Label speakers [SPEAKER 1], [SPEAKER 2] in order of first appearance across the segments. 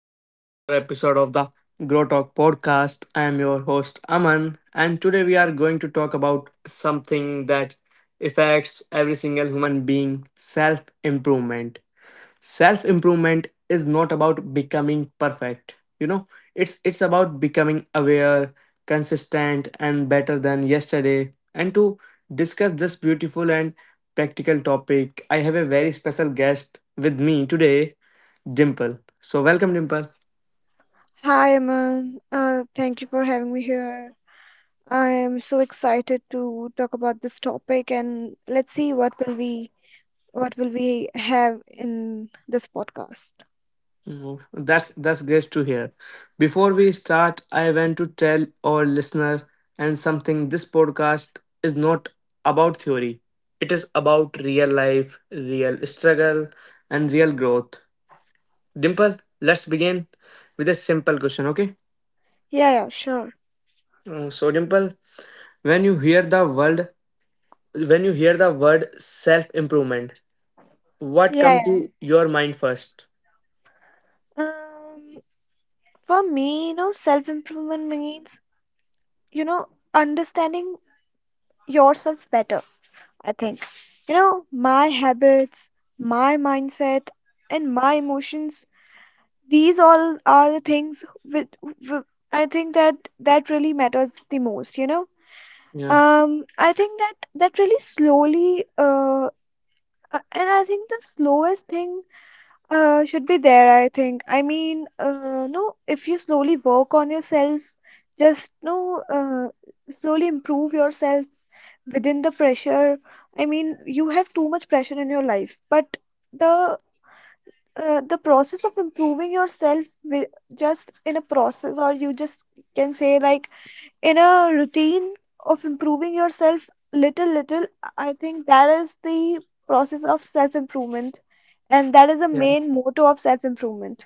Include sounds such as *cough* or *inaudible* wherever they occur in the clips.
[SPEAKER 1] back to another episode of the Grow Talk podcast. I am your host Aman, and today we are going to talk about something that affects every single human being self improvement. Self improvement is not about becoming perfect, it's about becoming aware, consistent, and better than yesterday. And to discuss this beautiful and practical topic, I have a very special guest with me today Dimple. So welcome, Dimple.
[SPEAKER 2] Hi, Aman. Thank you for having me here. I am so excited to talk about this topic, and let's see what will we have in this podcast.
[SPEAKER 1] That's great to hear. Before we start, I want to tell our listener and something. This podcast is not about theory. It is about real life, real struggle, and real growth. Dimple, let's begin with a simple question. Okay.
[SPEAKER 2] Yeah, yeah, sure.
[SPEAKER 1] So Dimple, when you hear the word when you hear the word self improvement, what comes
[SPEAKER 2] Yeah,
[SPEAKER 1] to your mind first?
[SPEAKER 2] yeah. For me, you know, self-improvement means, you know, understanding yourself better, I think. You know, my habits, my mindset, and my emotions. These all are the things which I think that really matters the most, you know.
[SPEAKER 1] Yeah.
[SPEAKER 2] I think that really slowly, and I think the slowest thing should be there, I think. I mean, no, if you slowly work on yourself, just no, uh, slowly improve yourself within the pressure. I mean, you have too much pressure in your life, but the the process of improving yourself with just in a process, or you just can say like in a routine of improving yourself little little, I think that is the process of self improvement, and that is the main motto of self improvement.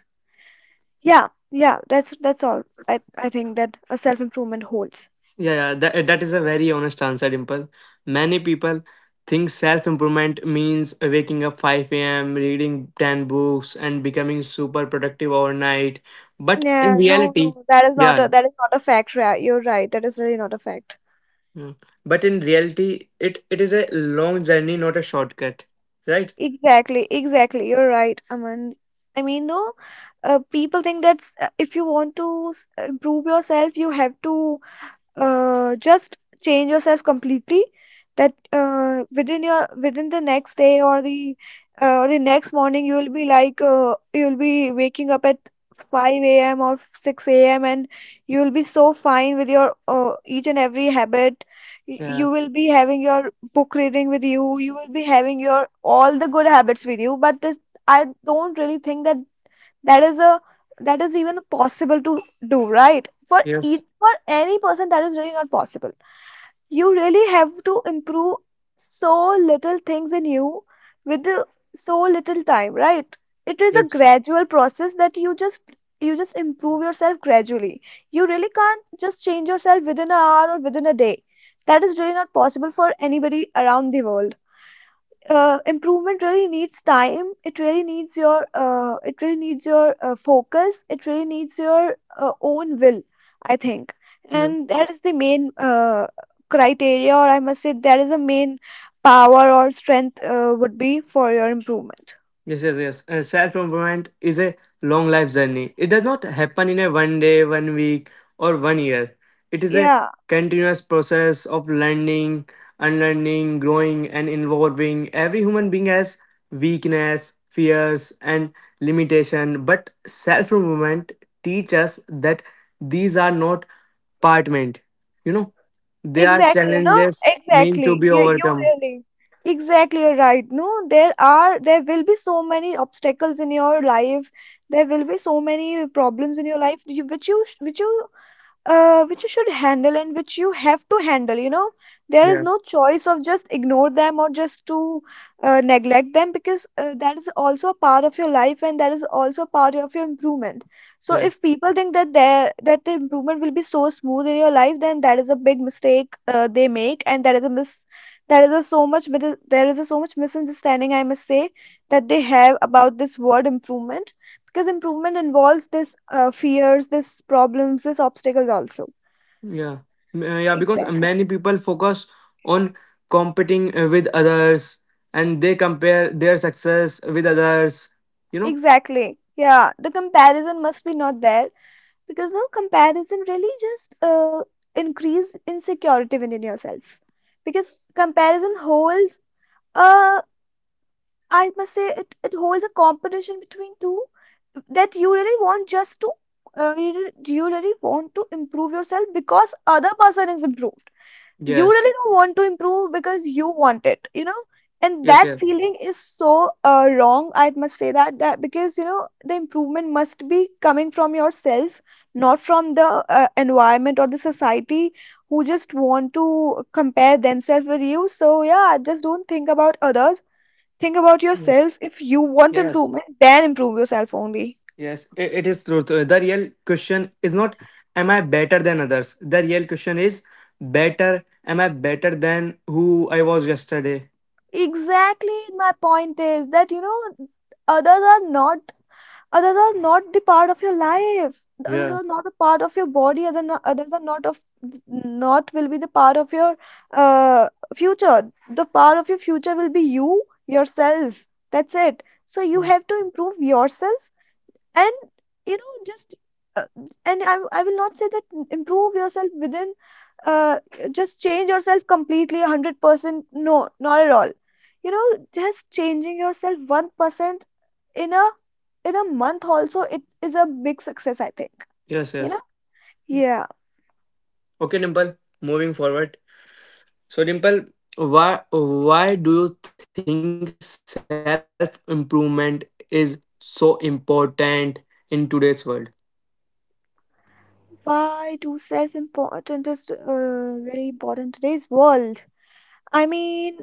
[SPEAKER 2] Yeah, yeah, that's all. I think that a self improvement holds.
[SPEAKER 1] Yeah, yeah, that, that is a very honest answer, Dimple. Many people think self improvement means waking up 5 a.m., reading 10 books, and becoming super productive overnight. But in
[SPEAKER 2] Yeah, no
[SPEAKER 1] reality,
[SPEAKER 2] no that is not
[SPEAKER 1] yeah,
[SPEAKER 2] a that is not a you're right, that is really not a fact.
[SPEAKER 1] yeah. But in reality, it is a long journey, not a shortcut, right?
[SPEAKER 2] Exactly, exactly. You're right, Aman. I mean, no, people think that if you want to improve yourself, you have to just change yourself completely, that within your within the next day or the next morning you will be like you will be waking up at 5 a.m. or 6 a.m., and you will be so fine with your each and every habit.
[SPEAKER 1] Yeah,
[SPEAKER 2] You will be having your book reading with you. You will be having your all the good habits with you. But this, I don't really think that that is a that is even possible to do right for each
[SPEAKER 1] yes,
[SPEAKER 2] for any person. That is really not possible. You really have to improve so little things in you with the, so little time, right? It is a
[SPEAKER 1] yes.
[SPEAKER 2] gradual process that you just improve yourself gradually. You really can't just change yourself within an hour or within a day. That is really not possible for anybody around the world. Improvement really needs time. It really needs your focus. It really needs your own will, I think.
[SPEAKER 1] Yes.
[SPEAKER 2] And that is the main criteria, or I must say that is the main power or strength would be for your improvement.
[SPEAKER 1] Yes, yes, yes. Self improvement is a long life journey. It does not happen in a one day, one week, or one year. It is a
[SPEAKER 2] Yeah,
[SPEAKER 1] continuous process of learning, unlearning, growing, and evolving. Every human being has weakness, fears, and limitation, but self improvement teaches us that these are not apartment. You know, they are
[SPEAKER 2] exactly, you know.
[SPEAKER 1] challenges meant to
[SPEAKER 2] Exactly,
[SPEAKER 1] be
[SPEAKER 2] you
[SPEAKER 1] overcome.
[SPEAKER 2] really, exactly, you're right. No, there are, there will be so many obstacles in your life. There will be so many problems in your life, which you which you should handle and which you have to handle, you know. There is
[SPEAKER 1] Yeah,
[SPEAKER 2] no choice of just ignore them or just to neglect them, because that is also a part of your life, and that is also part of your improvement. So
[SPEAKER 1] yeah.
[SPEAKER 2] if people think that the improvement will be so smooth in your life, then that is a big mistake they make, and that is a mis that is a so much mis- there is a so much misunderstanding, I must say, that they have about this word improvement, because improvement involves this fears, this problems, this obstacles also.
[SPEAKER 1] Yeah, yeah, because
[SPEAKER 2] Exactly.
[SPEAKER 1] many people focus on competing with others and they compare their success with others, you know?
[SPEAKER 2] Exactly, yeah, the comparison must be not there, because no comparison really just increase insecurity within yourself. Because comparison holds uh I must say it holds a competition between two, that you really want just to you really want to improve yourself because other person is improved. You
[SPEAKER 1] Yes,
[SPEAKER 2] really don't want to improve because you want it, you know. And
[SPEAKER 1] yes,
[SPEAKER 2] that
[SPEAKER 1] yes.
[SPEAKER 2] feeling is so wrong, I must say that, because, you know, the improvement must be coming from yourself, not from the environment or the society who just want to compare themselves with you. So yeah, just don't think about others. Think about
[SPEAKER 1] Mm.
[SPEAKER 2] yourself. If you want
[SPEAKER 1] Yes,
[SPEAKER 2] improvement, then improve yourself only.
[SPEAKER 1] yes. It is true. The real question is not, am I better than others? The real question is, am I better than who I was yesterday?
[SPEAKER 2] Exactly, my point is that, you know, others are not others are not the part of your life. The others
[SPEAKER 1] Yeah.
[SPEAKER 2] are not a part of your body. Others are not of not will be the part of your uh, future. The part of your future will be you yourself. That's it. So you
[SPEAKER 1] Mm.
[SPEAKER 2] have to improve yourself, and you know, just uh, and I will not say that improve yourself within uh, just change yourself completely 100%. No, not at all. You know, just changing yourself 1% in a in a month also, it is a big success, I think,
[SPEAKER 1] Yes,
[SPEAKER 2] you know.
[SPEAKER 1] yes.
[SPEAKER 2] Yeah.
[SPEAKER 1] Okay, Nimble, moving forward. So, Dimple, why do you think self improvement is so important in today's world?
[SPEAKER 2] Why do self-important is very important in today's world? I mean,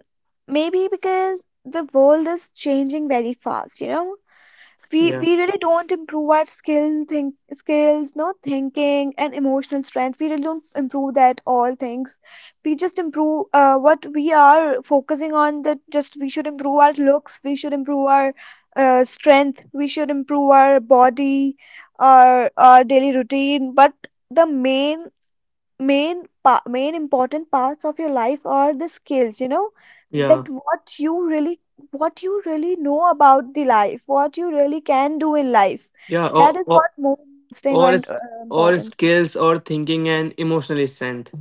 [SPEAKER 2] maybe because the world is changing very fast, you know.
[SPEAKER 1] Yeah,
[SPEAKER 2] We really don't improve our skills, no, thinking and emotional strength. We really don't improve that all things. We just improve what we are focusing on, that just we should improve our looks, we should improve our strength, we should improve our body, our daily routine. But the main main pa main important parts of your life are the skills, you know.
[SPEAKER 1] yeah,
[SPEAKER 2] That what you really know about the life, what you really can do in life.
[SPEAKER 1] yeah.
[SPEAKER 2] That is what more interesting
[SPEAKER 1] Or,
[SPEAKER 2] and
[SPEAKER 1] is, or
[SPEAKER 2] important.
[SPEAKER 1] skills or thinking and emotional strength.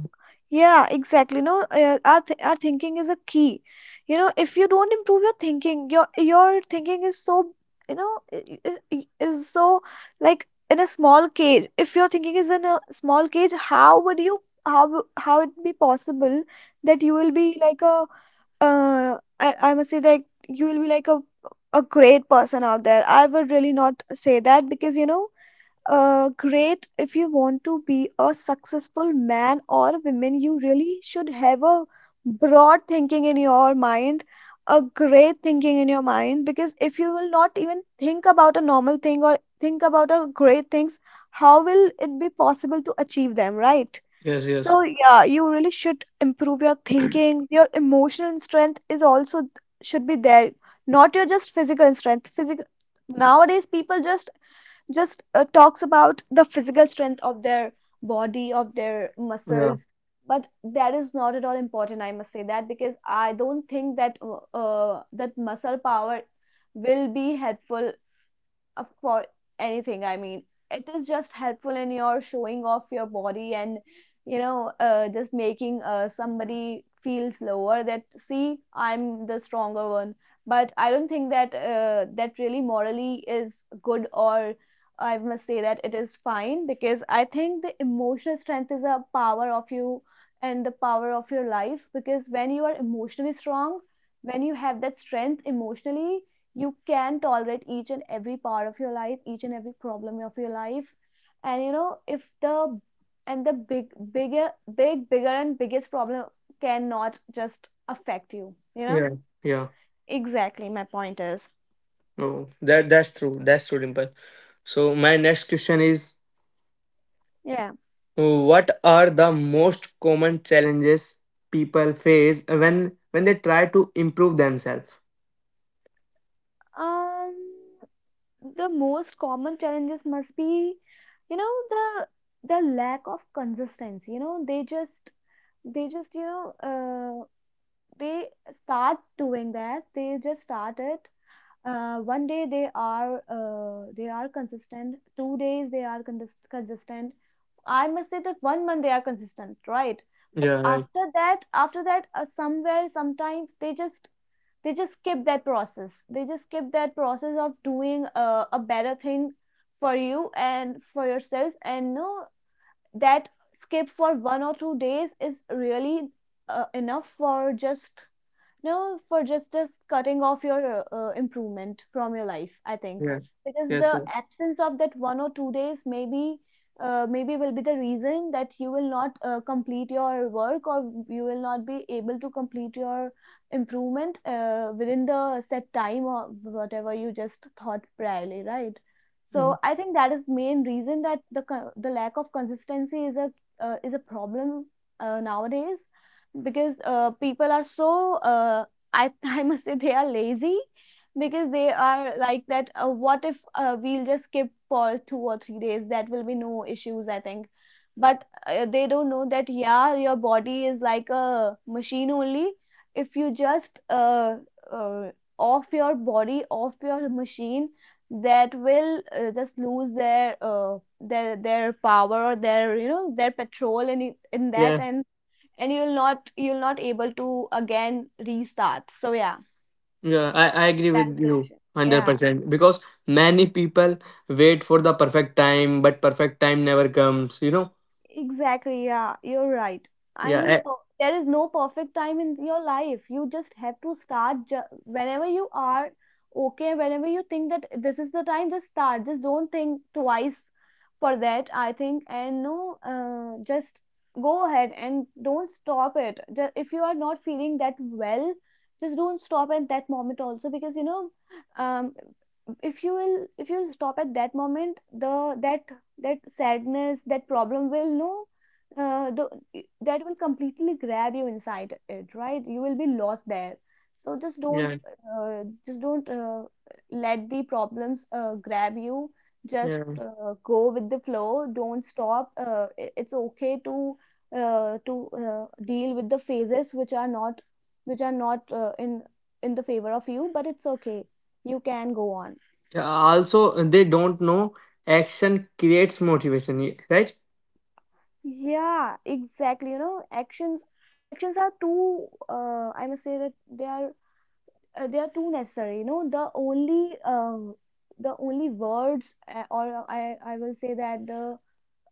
[SPEAKER 2] Yeah, exactly. No, our thinking is a key. You know, if you don't improve your thinking, your thinking is so, you know, is so like in a small cage. If your thinking is in a small cage, how would you, how it be possible that you will be like a I must say, like you will be like a great person out there. I would really not say that, because, you know, great if you want to be a successful man or woman, you really should have a broad thinking in your mind, a great thinking in your mind, because if you will not even think about a normal thing or think about a great things, how will it be possible to achieve them, right?
[SPEAKER 1] Yes, yes.
[SPEAKER 2] So yeah, you really should improve your thinking. Your emotional strength is also should be there, not your just physical strength. Physical, nowadays people just talks about the physical strength of their body, of their muscles.
[SPEAKER 1] Yeah,
[SPEAKER 2] But that is not at all important, I must say that, because I don't think that that muscle power will be helpful for anything. I mean, it is just helpful in your showing off your body and, you know, just making somebody feels lower that, see, I'm the stronger one. But I don't think that that really morally is good, or I must say that it is fine. Because I think the emotional strength is a power of you and the power of your life, because when you are emotionally strong, when you have that strength emotionally, you can tolerate each and every part of your life, each and every problem of your life. And you know, if the and the bigger, bigger and biggest problem cannot just affect you, you know.
[SPEAKER 1] yeah, yeah.
[SPEAKER 2] Exactly, my point is.
[SPEAKER 1] Oh, that that's true. That's true, Dimple. So my next question is,
[SPEAKER 2] Yeah.
[SPEAKER 1] what are the most common challenges people face when they try to improve themselves?
[SPEAKER 2] um the most common challenges must be, you know, the lack of consistency. You know, they just, they just you know uh, they start doing that. They just start it. One day they are, they are consistent, 2 days they are consistent, I must say that, 1 month they are consistent, right? But
[SPEAKER 1] Yeah, right.
[SPEAKER 2] after that, somewhere, sometimes they just, they just skip that process they just skip that process of doing a better thing for you and for yourself. And no, that skip for 1 or 2 days is really enough for just, no, for just cutting off your improvement from your life, I think,
[SPEAKER 1] Yeah.
[SPEAKER 2] because
[SPEAKER 1] Yes.
[SPEAKER 2] the absence of that 1 or 2 days maybe, maybe will be the reason that you will not complete your work, or you will not be able to complete your improvement within the set time, or whatever you just thought priorly, right?
[SPEAKER 1] Mm.
[SPEAKER 2] So I think that is main reason that the lack of consistency is a problem nowadays, because people are so, I *laughs* I must say they are lazy, because they are like that. What if we'll just skip for 2 or 3 days? That will be no issues, I think. But they don't know that, yeah, your body is like a machine only. If you just uh, off your body, off your machine, that will just lose their their power or their you know their patrol in that,
[SPEAKER 1] Yeah,
[SPEAKER 2] and and you'll not able to again restart, so yeah.
[SPEAKER 1] yeah, I agree
[SPEAKER 2] That is
[SPEAKER 1] with
[SPEAKER 2] the
[SPEAKER 1] you
[SPEAKER 2] issue. Yeah.
[SPEAKER 1] 100% because many people wait for the perfect time, but perfect time never comes, you know?
[SPEAKER 2] Exactly, yeah, you're right. I
[SPEAKER 1] Yeah,
[SPEAKER 2] mean,
[SPEAKER 1] eh,
[SPEAKER 2] there is no perfect time in your life. You just have to start ju whenever you are okay, whenever you think that this is the time, just start. Just don't think twice for that, I think. And no, just go ahead and don't stop it. Just, if you are not feeling that well, just don't stop at that moment also because you know, um, if you stop at that moment, the that that sadness, that problem will no, that will completely grab you inside it, right? You will be lost there. So
[SPEAKER 1] yeah,
[SPEAKER 2] just don't let the problems grab you. Just
[SPEAKER 1] yeah.
[SPEAKER 2] go with the flow. Don't stop. It's okay to deal with the phases which are not in the favor of you, but it's okay. You can go on.
[SPEAKER 1] Yeah, also, they don't know action creates motivation, right?
[SPEAKER 2] Yeah, exactly. You know, actions are too I must say that they are too necessary. You know, the only words or I will say that the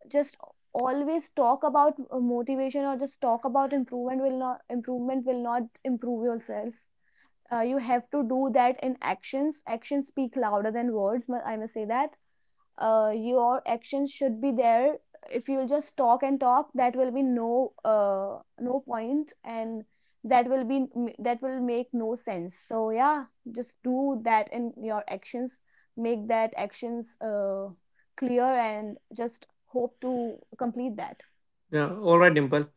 [SPEAKER 2] just always talk about motivation or just talk about improvement will not improve yourself. You have to do that in actions. Actions speak louder than words. I must say that your actions should be there. If you'll just talk and talk, that will be no no point, and that will be that will make no sense. So yeah, just do that in your actions. Make that actions clear and just hope to complete that.
[SPEAKER 1] Yeah, all right, Dimple.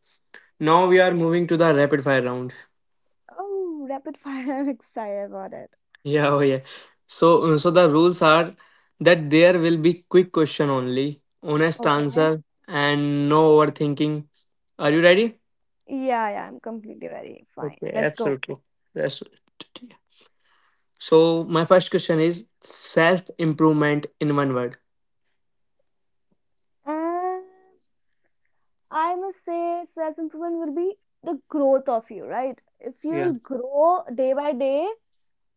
[SPEAKER 1] Now we are moving to the rapid fire round. *laughs*
[SPEAKER 2] Oh, rapid fire. *laughs* I'm excited about it.
[SPEAKER 1] Yeah, oh yeah. So the rules are that there will be quick question only, honest
[SPEAKER 2] Okay.
[SPEAKER 1] answer, and no overthinking. Are you ready?
[SPEAKER 2] Yeah, yeah, I'm completely ready. Fine,
[SPEAKER 1] Okay,
[SPEAKER 2] let's go.
[SPEAKER 1] absolutely. That's it. So, my first question is self improvement in one word.
[SPEAKER 2] Uh, I must say self improvement will be the growth of you, right? If you
[SPEAKER 1] Yeah.
[SPEAKER 2] will grow day by day,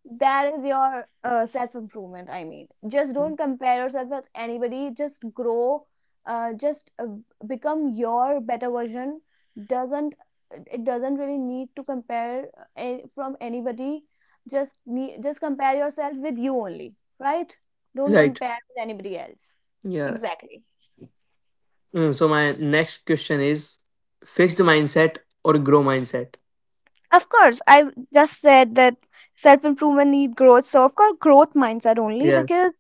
[SPEAKER 2] that is your self improvement. I mean, just don't compare yourself with anybody, just grow, just become your better version. Doesn't, it doesn't really need to compare from anybody. Just need, just compare yourself with you only, right? Don't
[SPEAKER 1] Right.
[SPEAKER 2] compare with anybody else.
[SPEAKER 1] Yeah.
[SPEAKER 2] Exactly.
[SPEAKER 1] So my next question is fixed mindset or grow mindset.
[SPEAKER 2] Of course, I just said that self improvement need growth. So of course, growth mindset only
[SPEAKER 1] Yes.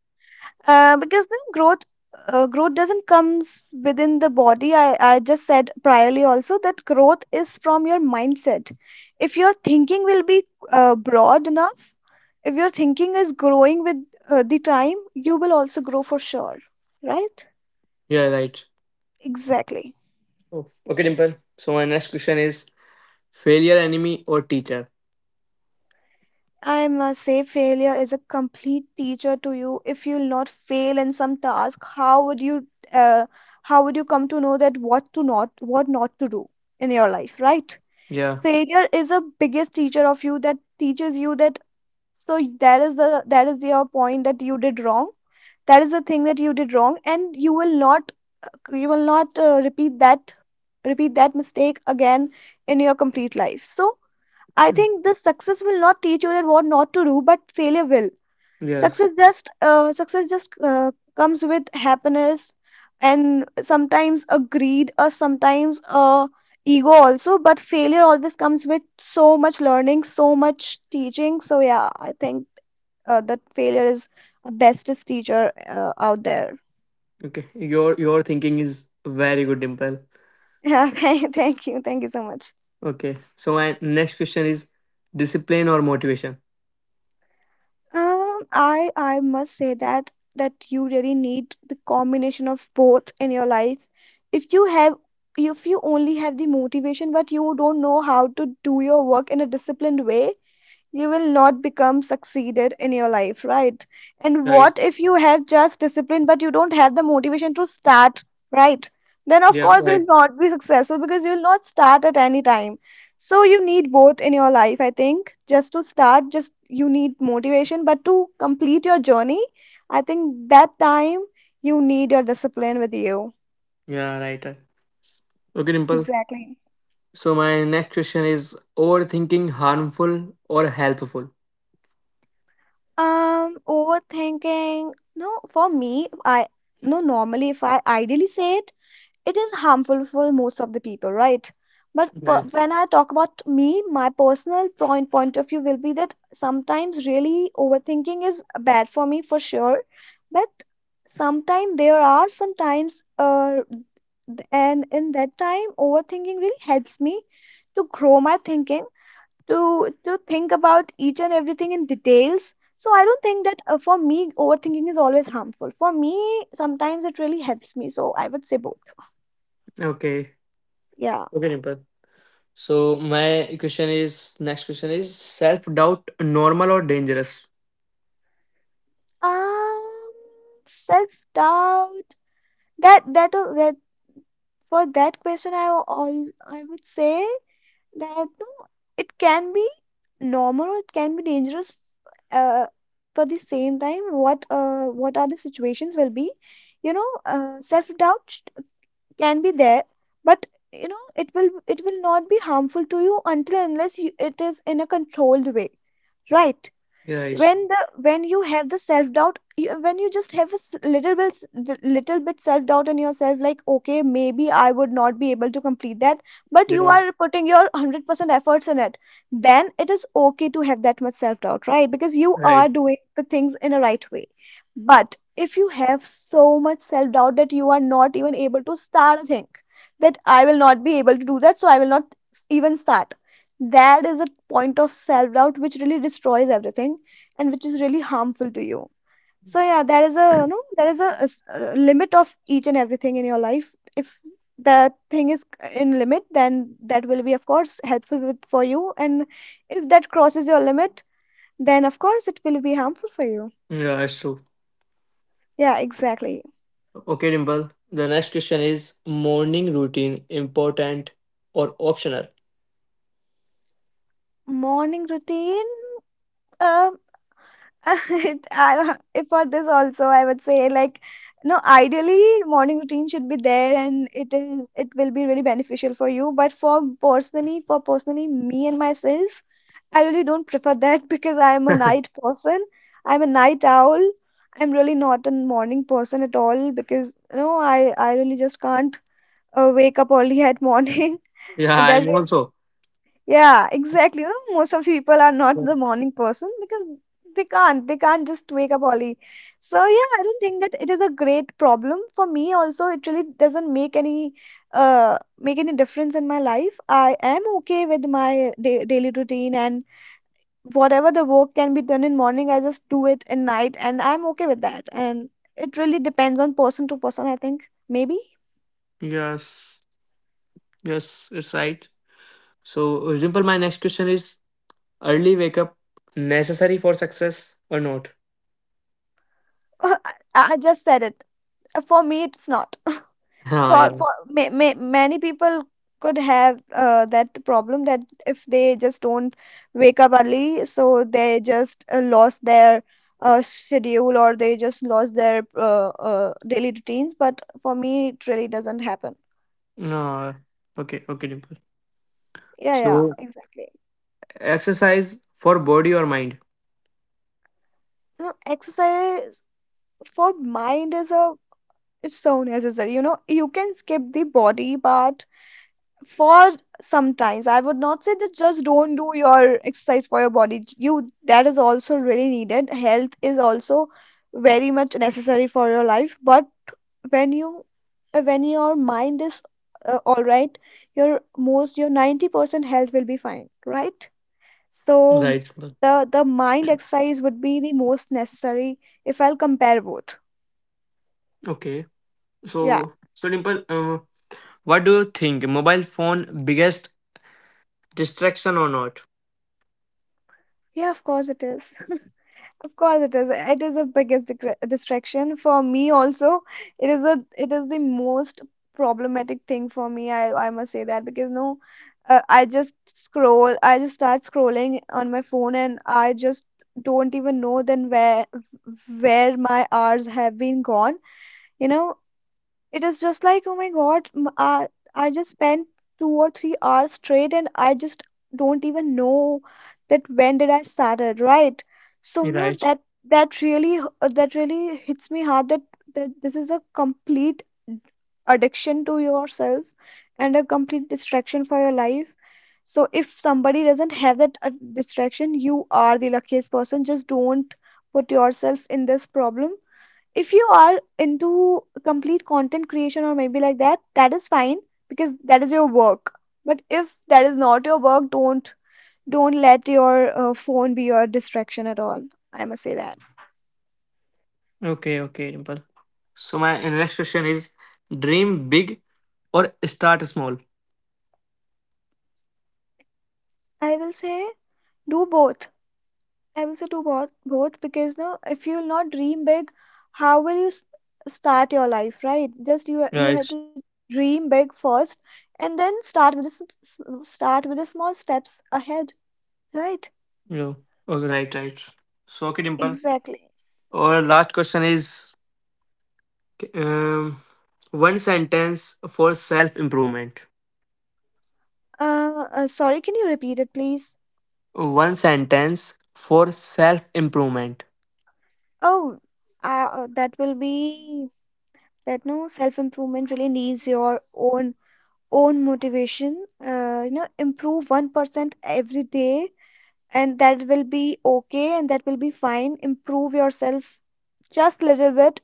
[SPEAKER 2] because then growth growth doesn't comes within the body. I just said priorly also that growth is from your mindset. If your thinking will be broad enough, if your thinking is growing with the time, you will also grow for sure. Right?
[SPEAKER 1] Yeah. Right.
[SPEAKER 2] Exactly.
[SPEAKER 1] Oh. Okay, Dimple. So my next question is failure enemy or teacher.
[SPEAKER 2] I must say, failure is a complete teacher to you. If you will not fail in some task, how would you come to know that what not to do in your life, right?
[SPEAKER 1] Yeah.
[SPEAKER 2] Failure is a biggest teacher of you that teaches you that, so that is the that is your point that you did wrong. That is the thing that you did wrong, and you will not repeat that, mistake again in your complete life. So I
[SPEAKER 1] Mm,
[SPEAKER 2] think this success will not teach you that what not to do, but failure will.
[SPEAKER 1] Yes.
[SPEAKER 2] Success just comes with happiness and sometimes a greed or sometimes a ego also, but failure always comes with so much learning, so much teaching. So yeah, I think that failure is the bestest teacher out there. *laughs*
[SPEAKER 1] Okay. Your thinking is very good, Dimple.
[SPEAKER 2] Yeah, thank you so much.
[SPEAKER 1] Okay. So my next question is discipline or motivation.
[SPEAKER 2] I must say that you really need the combination of both in your life. If you have if you only have the motivation but you don't know how to do your work in a disciplined way, you will not become succeeded in your life, right? And
[SPEAKER 1] Right.
[SPEAKER 2] what if you have just discipline but you don't have the motivation to start, right? Then
[SPEAKER 1] Yeah.
[SPEAKER 2] of course
[SPEAKER 1] Right.
[SPEAKER 2] you'll not be successful because you'll not start at any time. So you need both in your life, I think. Just to start, just you need motivation, but to complete your journey, I think that time you need your discipline with you.
[SPEAKER 1] Yeah, right. Right. Okay, Dimple.
[SPEAKER 2] Exactly.
[SPEAKER 1] So my next question is overthinking harmful or helpful?
[SPEAKER 2] Overthinking. No, for me, I no normally if I ideally say it, it is harmful for most of the people, right? But
[SPEAKER 1] Right.
[SPEAKER 2] when I talk about me, my personal point of view will be that sometimes really overthinking is bad for me for sure. But sometimes there are sometimes, and in that time, overthinking really helps me to grow my thinking, to think about each and everything in details. So I don't think that for me overthinking is always harmful for me. Sometimes it really helps me, so I would say both.
[SPEAKER 1] Okay.
[SPEAKER 2] Yeah.
[SPEAKER 1] Okay, Dimple. So my question is self doubt normal or dangerous?
[SPEAKER 2] Um, self-doubt. That that that For that question, I will all I would say that no, it can be normal or it can be dangerous. Uh, at but the same time, what are the situations will be, you know, self-doubt can be there, but you know it will not be harmful to you until and unless, you, it is in a controlled way, right?
[SPEAKER 1] Right.
[SPEAKER 2] when the when you have the self doubt, when you just have a little bit, little bit self doubt in yourself, like okay, maybe I would not be able to complete that, but you
[SPEAKER 1] Yeah.
[SPEAKER 2] are putting your 100% efforts in it, then it is okay to have that much self doubt, right? Because you
[SPEAKER 1] Right.
[SPEAKER 2] are doing the things in a right way. But if you have so much self doubt that you are not even able to start a thing, that I will not be able to do that, so I will not even start, that is a point of self doubt which really destroys everything and which is really harmful to you. So yeah, there is a, you know, a a limit of each and everything in your life. If the thing is in limit, then that will be of course helpful for you, and if that crosses your limit, then of course it will be harmful for you.
[SPEAKER 1] Yeah, that's true.
[SPEAKER 2] Yeah, exactly.
[SPEAKER 1] Okay, Dimple. The next question is morning routine important or optional?
[SPEAKER 2] Morning routine. Um, *laughs* It, I, if for this also, I would say like, no, ideally morning routine should be there and it will be really beneficial for you. But for personally me and myself, I really don't prefer that *laughs* because I'm a night
[SPEAKER 1] *laughs*
[SPEAKER 2] person. I'm a night owl. I'm really not a morning person at all, because you know I really just can't wake up early at morning. *laughs*
[SPEAKER 1] Yeah,
[SPEAKER 2] And that
[SPEAKER 1] I'm
[SPEAKER 2] really,
[SPEAKER 1] also.
[SPEAKER 2] yeah, exactly. You know, most of the people are not
[SPEAKER 1] Yeah.
[SPEAKER 2] the morning person because they can't. They can't just wake up early. So yeah, I don't think that it is a great problem for me. Also, it really doesn't make any difference in my life. I am okay with my da daily routine, and whatever the work can be done in morning, I just do it in night, and I'm okay with that. And it really depends on person to person, I think. Maybe.
[SPEAKER 1] Yes. Yes, it's right. So, Dimple, my next question is Early wake up. Necessary for success or not?
[SPEAKER 2] *laughs* I just said it. For me, it's not.
[SPEAKER 1] *laughs* हाँ
[SPEAKER 2] for
[SPEAKER 1] यार।
[SPEAKER 2] for ma ma many people could have that problem, that if they just don't wake up early, so they just lost their schedule, or they just lost their daily routines. But for me, it really doesn't happen.
[SPEAKER 1] No. Okay, okay, Dimple.
[SPEAKER 2] Yeah, yeah,
[SPEAKER 1] So
[SPEAKER 2] exactly.
[SPEAKER 1] exercise for body or mind.
[SPEAKER 2] You know, exercise for mind is a, it's so necessary. You know, you can skip the body part for sometimes. I would not say that just don't do your exercise for your body. You, that is also really needed. Health is also very much necessary for your life. But when you when your mind is all right, your most, your 90% health will be fine, right?
[SPEAKER 1] Right,
[SPEAKER 2] So
[SPEAKER 1] Dimple.
[SPEAKER 2] the mind exercise would be the most necessary if I'll compare both.
[SPEAKER 1] Okay.
[SPEAKER 2] Yeah.
[SPEAKER 1] So Dimple, what do you think? Mobile phone biggest distraction or not?
[SPEAKER 2] Yeah, of course it is. Of course it is. It is the biggest distraction for me also. It is a, it is the most problematic thing for me. I must say that, because no, I just scroll. I just start scrolling on my phone, and I just don't even know then where my hours have been gone. You know, it is just like, oh my God, I just spent 2 or 3 hours straight, and I just don't even know that when did I started, right? So, you know,
[SPEAKER 1] Right.
[SPEAKER 2] that really that really hits me hard, that that this is a complete addiction to yourself and a complete distraction for your life. So if somebody doesn't have that distraction, you are the luckiest person. Just don't put yourself in this problem if you are into complete content creation or maybe like that is fine because that is your work, but if that is not your work, don't let your phone be your distraction at all. I must say that.
[SPEAKER 1] Okay, okay, Dimple. So my next question is, dream big or start small?
[SPEAKER 2] I will say do both. I will say do both because, no, if you will not dream big, how will you start your life, right? Just you
[SPEAKER 1] Right.
[SPEAKER 2] have to dream big first, and then start with the start with the small steps ahead, right?
[SPEAKER 1] No. Oh, right, right. So okay, Dimple.
[SPEAKER 2] Exactly.
[SPEAKER 1] Or last question is. Okay, one sentence for self improvement.
[SPEAKER 2] Sorry, can you repeat it, please?
[SPEAKER 1] One sentence for self improvement.
[SPEAKER 2] Oh, that will be that, no, self-improvement really needs your own own motivation. You know, improve 1% every day, and that will be okay, and that will be fine. Improve yourself just little bit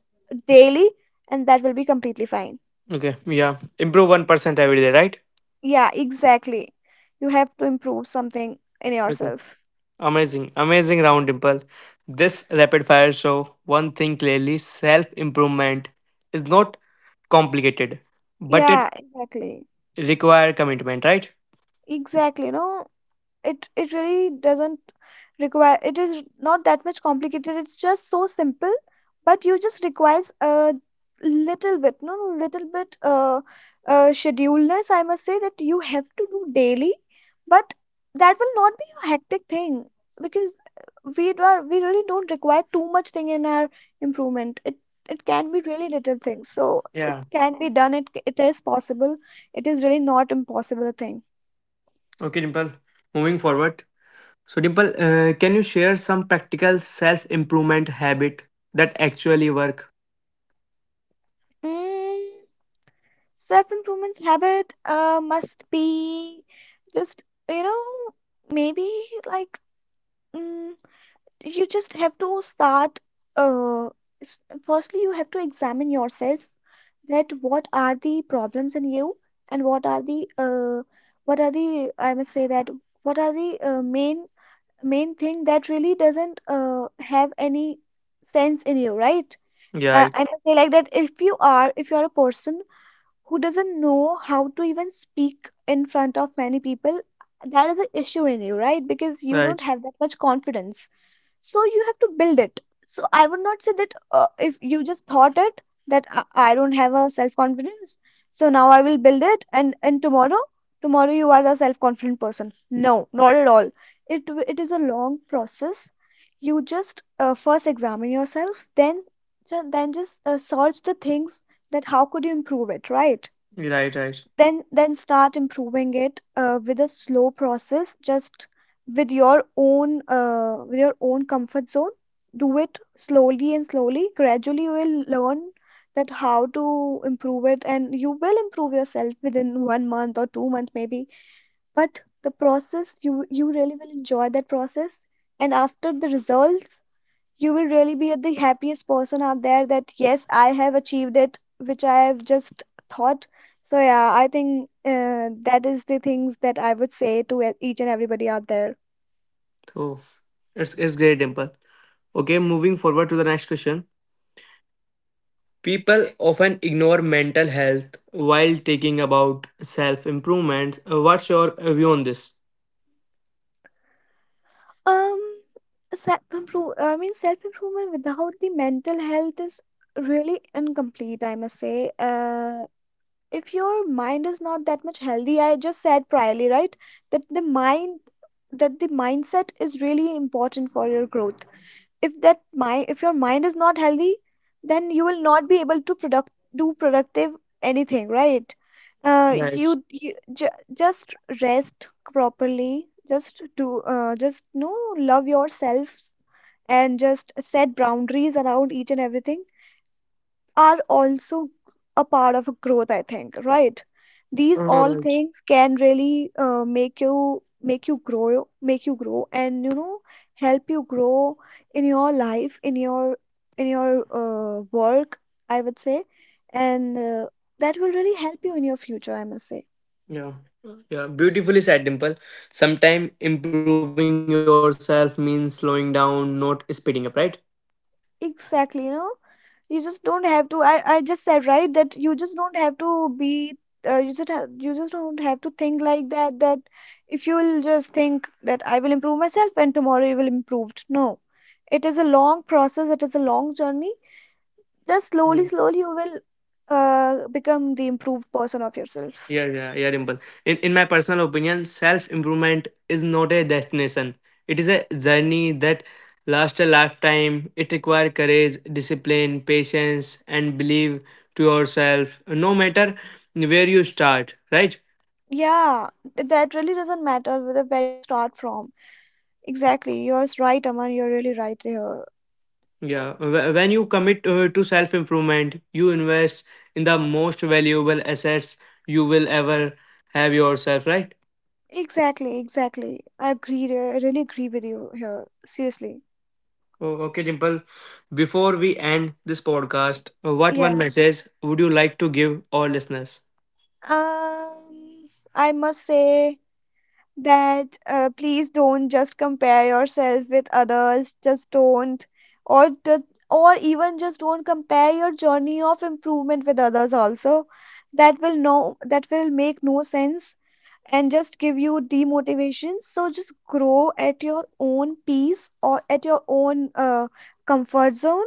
[SPEAKER 2] daily, and that will be completely fine.
[SPEAKER 1] Okay, yeah. Improve 1% every day, right?
[SPEAKER 2] Yeah, exactly. You have to improve something in
[SPEAKER 1] Okay.
[SPEAKER 2] yourself.
[SPEAKER 1] Amazing, amazing round, Dimple. This rapid fire show one thing clearly self improvement is not complicated, but it
[SPEAKER 2] Yeah, exactly.
[SPEAKER 1] require commitment, right?
[SPEAKER 2] Exactly. No, it really doesn't require, it is not that much complicated, it's just so simple, but you just requires a little bit. No no, Little bit, scheduleness, I must say, that you have to do daily, but that will not be a hectic thing because we do, we really don't require too much thing in our improvement. It can be really little things, so it
[SPEAKER 1] Yeah.
[SPEAKER 2] can be done. It is possible. It is really not impossible thing.
[SPEAKER 1] Okay, Dimple. Moving forward. So, Dimple, can you share some practical self improvement habit that actually work?
[SPEAKER 2] Mm, self improvement habit must be, just, you know, maybe, like, mm, you just have to start, uh, s- firstly you have to examine yourself, that what are the problems in you, and what are the what are the, I must say that, what are the main thing that really doesn't have any sense in you, right?
[SPEAKER 1] Yeah.
[SPEAKER 2] I must say, like that, if you are, if you are a person who doesn't know how to even speak in front of many people, that is an issue in you, right? Because you don't
[SPEAKER 1] Right,
[SPEAKER 2] have that much confidence. So you have to build it. So I would not say that, if you just thought it that I don't have a self confidence, so now I will build it, and tomorrow, you are the self confident person. No, not at all. It is a long process. You just first examine yourself, then then just search the things that how could you improve it, right?
[SPEAKER 1] right, right.
[SPEAKER 2] Then start improving it with a slow process, just with your own comfort zone. Do it slowly and slowly, gradually you will learn that how to improve it, and you will improve yourself within one month or two months maybe. But the process, you really will enjoy that process, and after the results, you will really be at the happiest person out there that, yes, I have achieved it, which I have just thought. So, yeah, I think that is the things that I would say to each and everybody out there.
[SPEAKER 1] So it's great, Dimple. Okay, moving forward to the next question. People often ignore mental health. While taking about self improvement, what's your view on this?
[SPEAKER 2] Um, self improve, I mean, self improvement without the mental health is really incomplete, I must say. If your mind is not that much healthy, I just said priorly, right? That the mind, that the mindset is really important for your growth. If your mind is not healthy, then you will not be able to product, do productive anything, right?
[SPEAKER 1] Right.
[SPEAKER 2] You, you just rest properly, just do, just, no, love yourself, and just set boundaries around each and everything are also a part of growth, I think, right? These all
[SPEAKER 1] Right.
[SPEAKER 2] things can really make you grow, make you grow, and, you know, help you grow in your life, in your work, I would say. And that will really help you in your future, I must say.
[SPEAKER 1] Yeah. Yeah, beautifully said, Dimple. Sometimes improving yourself means slowing down, not speeding up, right?
[SPEAKER 2] Exactly, you know. You just don't have to. I just said, right, that you just don't have to be. You just have, you just don't have to think like that. That if you'll just think that I will improve myself and tomorrow you will improve. No, it is a long process. It is a long journey. Just slowly, slowly you will become the improved person of yourself.
[SPEAKER 1] Yeah, yeah, yeah, Dimple. In my personal opinion, self improvement is not a destination. It is a journey that lasts a lifetime. It requires courage, discipline, patience, and belief to yourself. No matter where you start, right?
[SPEAKER 2] Yeah, that really does't matter whether where you start from. Exactly, you're right, Aman. You're really right here.
[SPEAKER 1] Yeah. When you commit to self improvement, you invest in the most valuable assets you will ever have yourself, right?
[SPEAKER 2] Exactly, exactly. I agree, I really agree with you here. Seriously.
[SPEAKER 1] Oh, okay, Dimple. Before we end this podcast, what one
[SPEAKER 2] Yeah.
[SPEAKER 1] message would you like to give our listeners?
[SPEAKER 2] Um, I must say that please don't just compare yourself with others. Just don't, or the, or even just don't compare your journey of improvement with others also. That will, no, that will make no sense, and just give you demotivation. So just grow at your own pace or at your own comfort zone.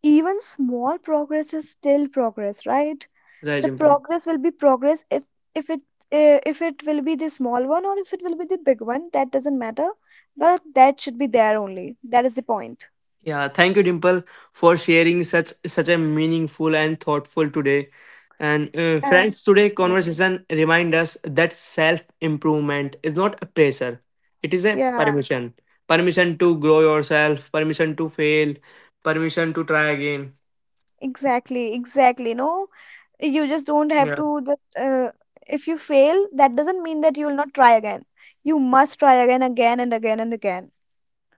[SPEAKER 2] Even small progress is still progress, right?
[SPEAKER 1] Right,
[SPEAKER 2] The
[SPEAKER 1] Dimple.
[SPEAKER 2] progress will be progress if if it if it will be the small one or if it will be the big one, that doesn't matter. But that should be there only. That is the point.
[SPEAKER 1] Yeah, thank you, Dimple, for sharing such such a meaningful and thoughtful today. And
[SPEAKER 2] Uh,
[SPEAKER 1] friends, today
[SPEAKER 2] yeah.
[SPEAKER 1] conversation remind us that self improvement is not a pressure; it is a
[SPEAKER 2] Yeah.
[SPEAKER 1] permission. Permission to grow yourself, permission to fail, permission to try again.
[SPEAKER 2] Exactly, exactly. No, you just don't have
[SPEAKER 1] Yeah.
[SPEAKER 2] to just, if you fail, that doesn't mean that you will not try again. You must try again, again and again and again.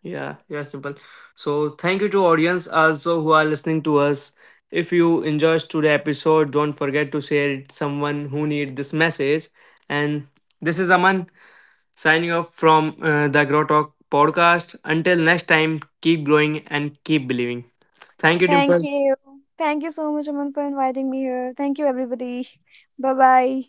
[SPEAKER 1] Yeah, yeah, simple. So thank you to audience also who are listening to us. If you enjoyed today episode, don't forget to share it someone who need this message. And this is Aman signing off from the Grow Talk podcast. Until next time, keep growing and keep believing. Thank you,
[SPEAKER 2] Thank
[SPEAKER 1] Dimple.
[SPEAKER 2] you. Thank you so much, Aman, for inviting me here. Thank you, everybody. Bye bye.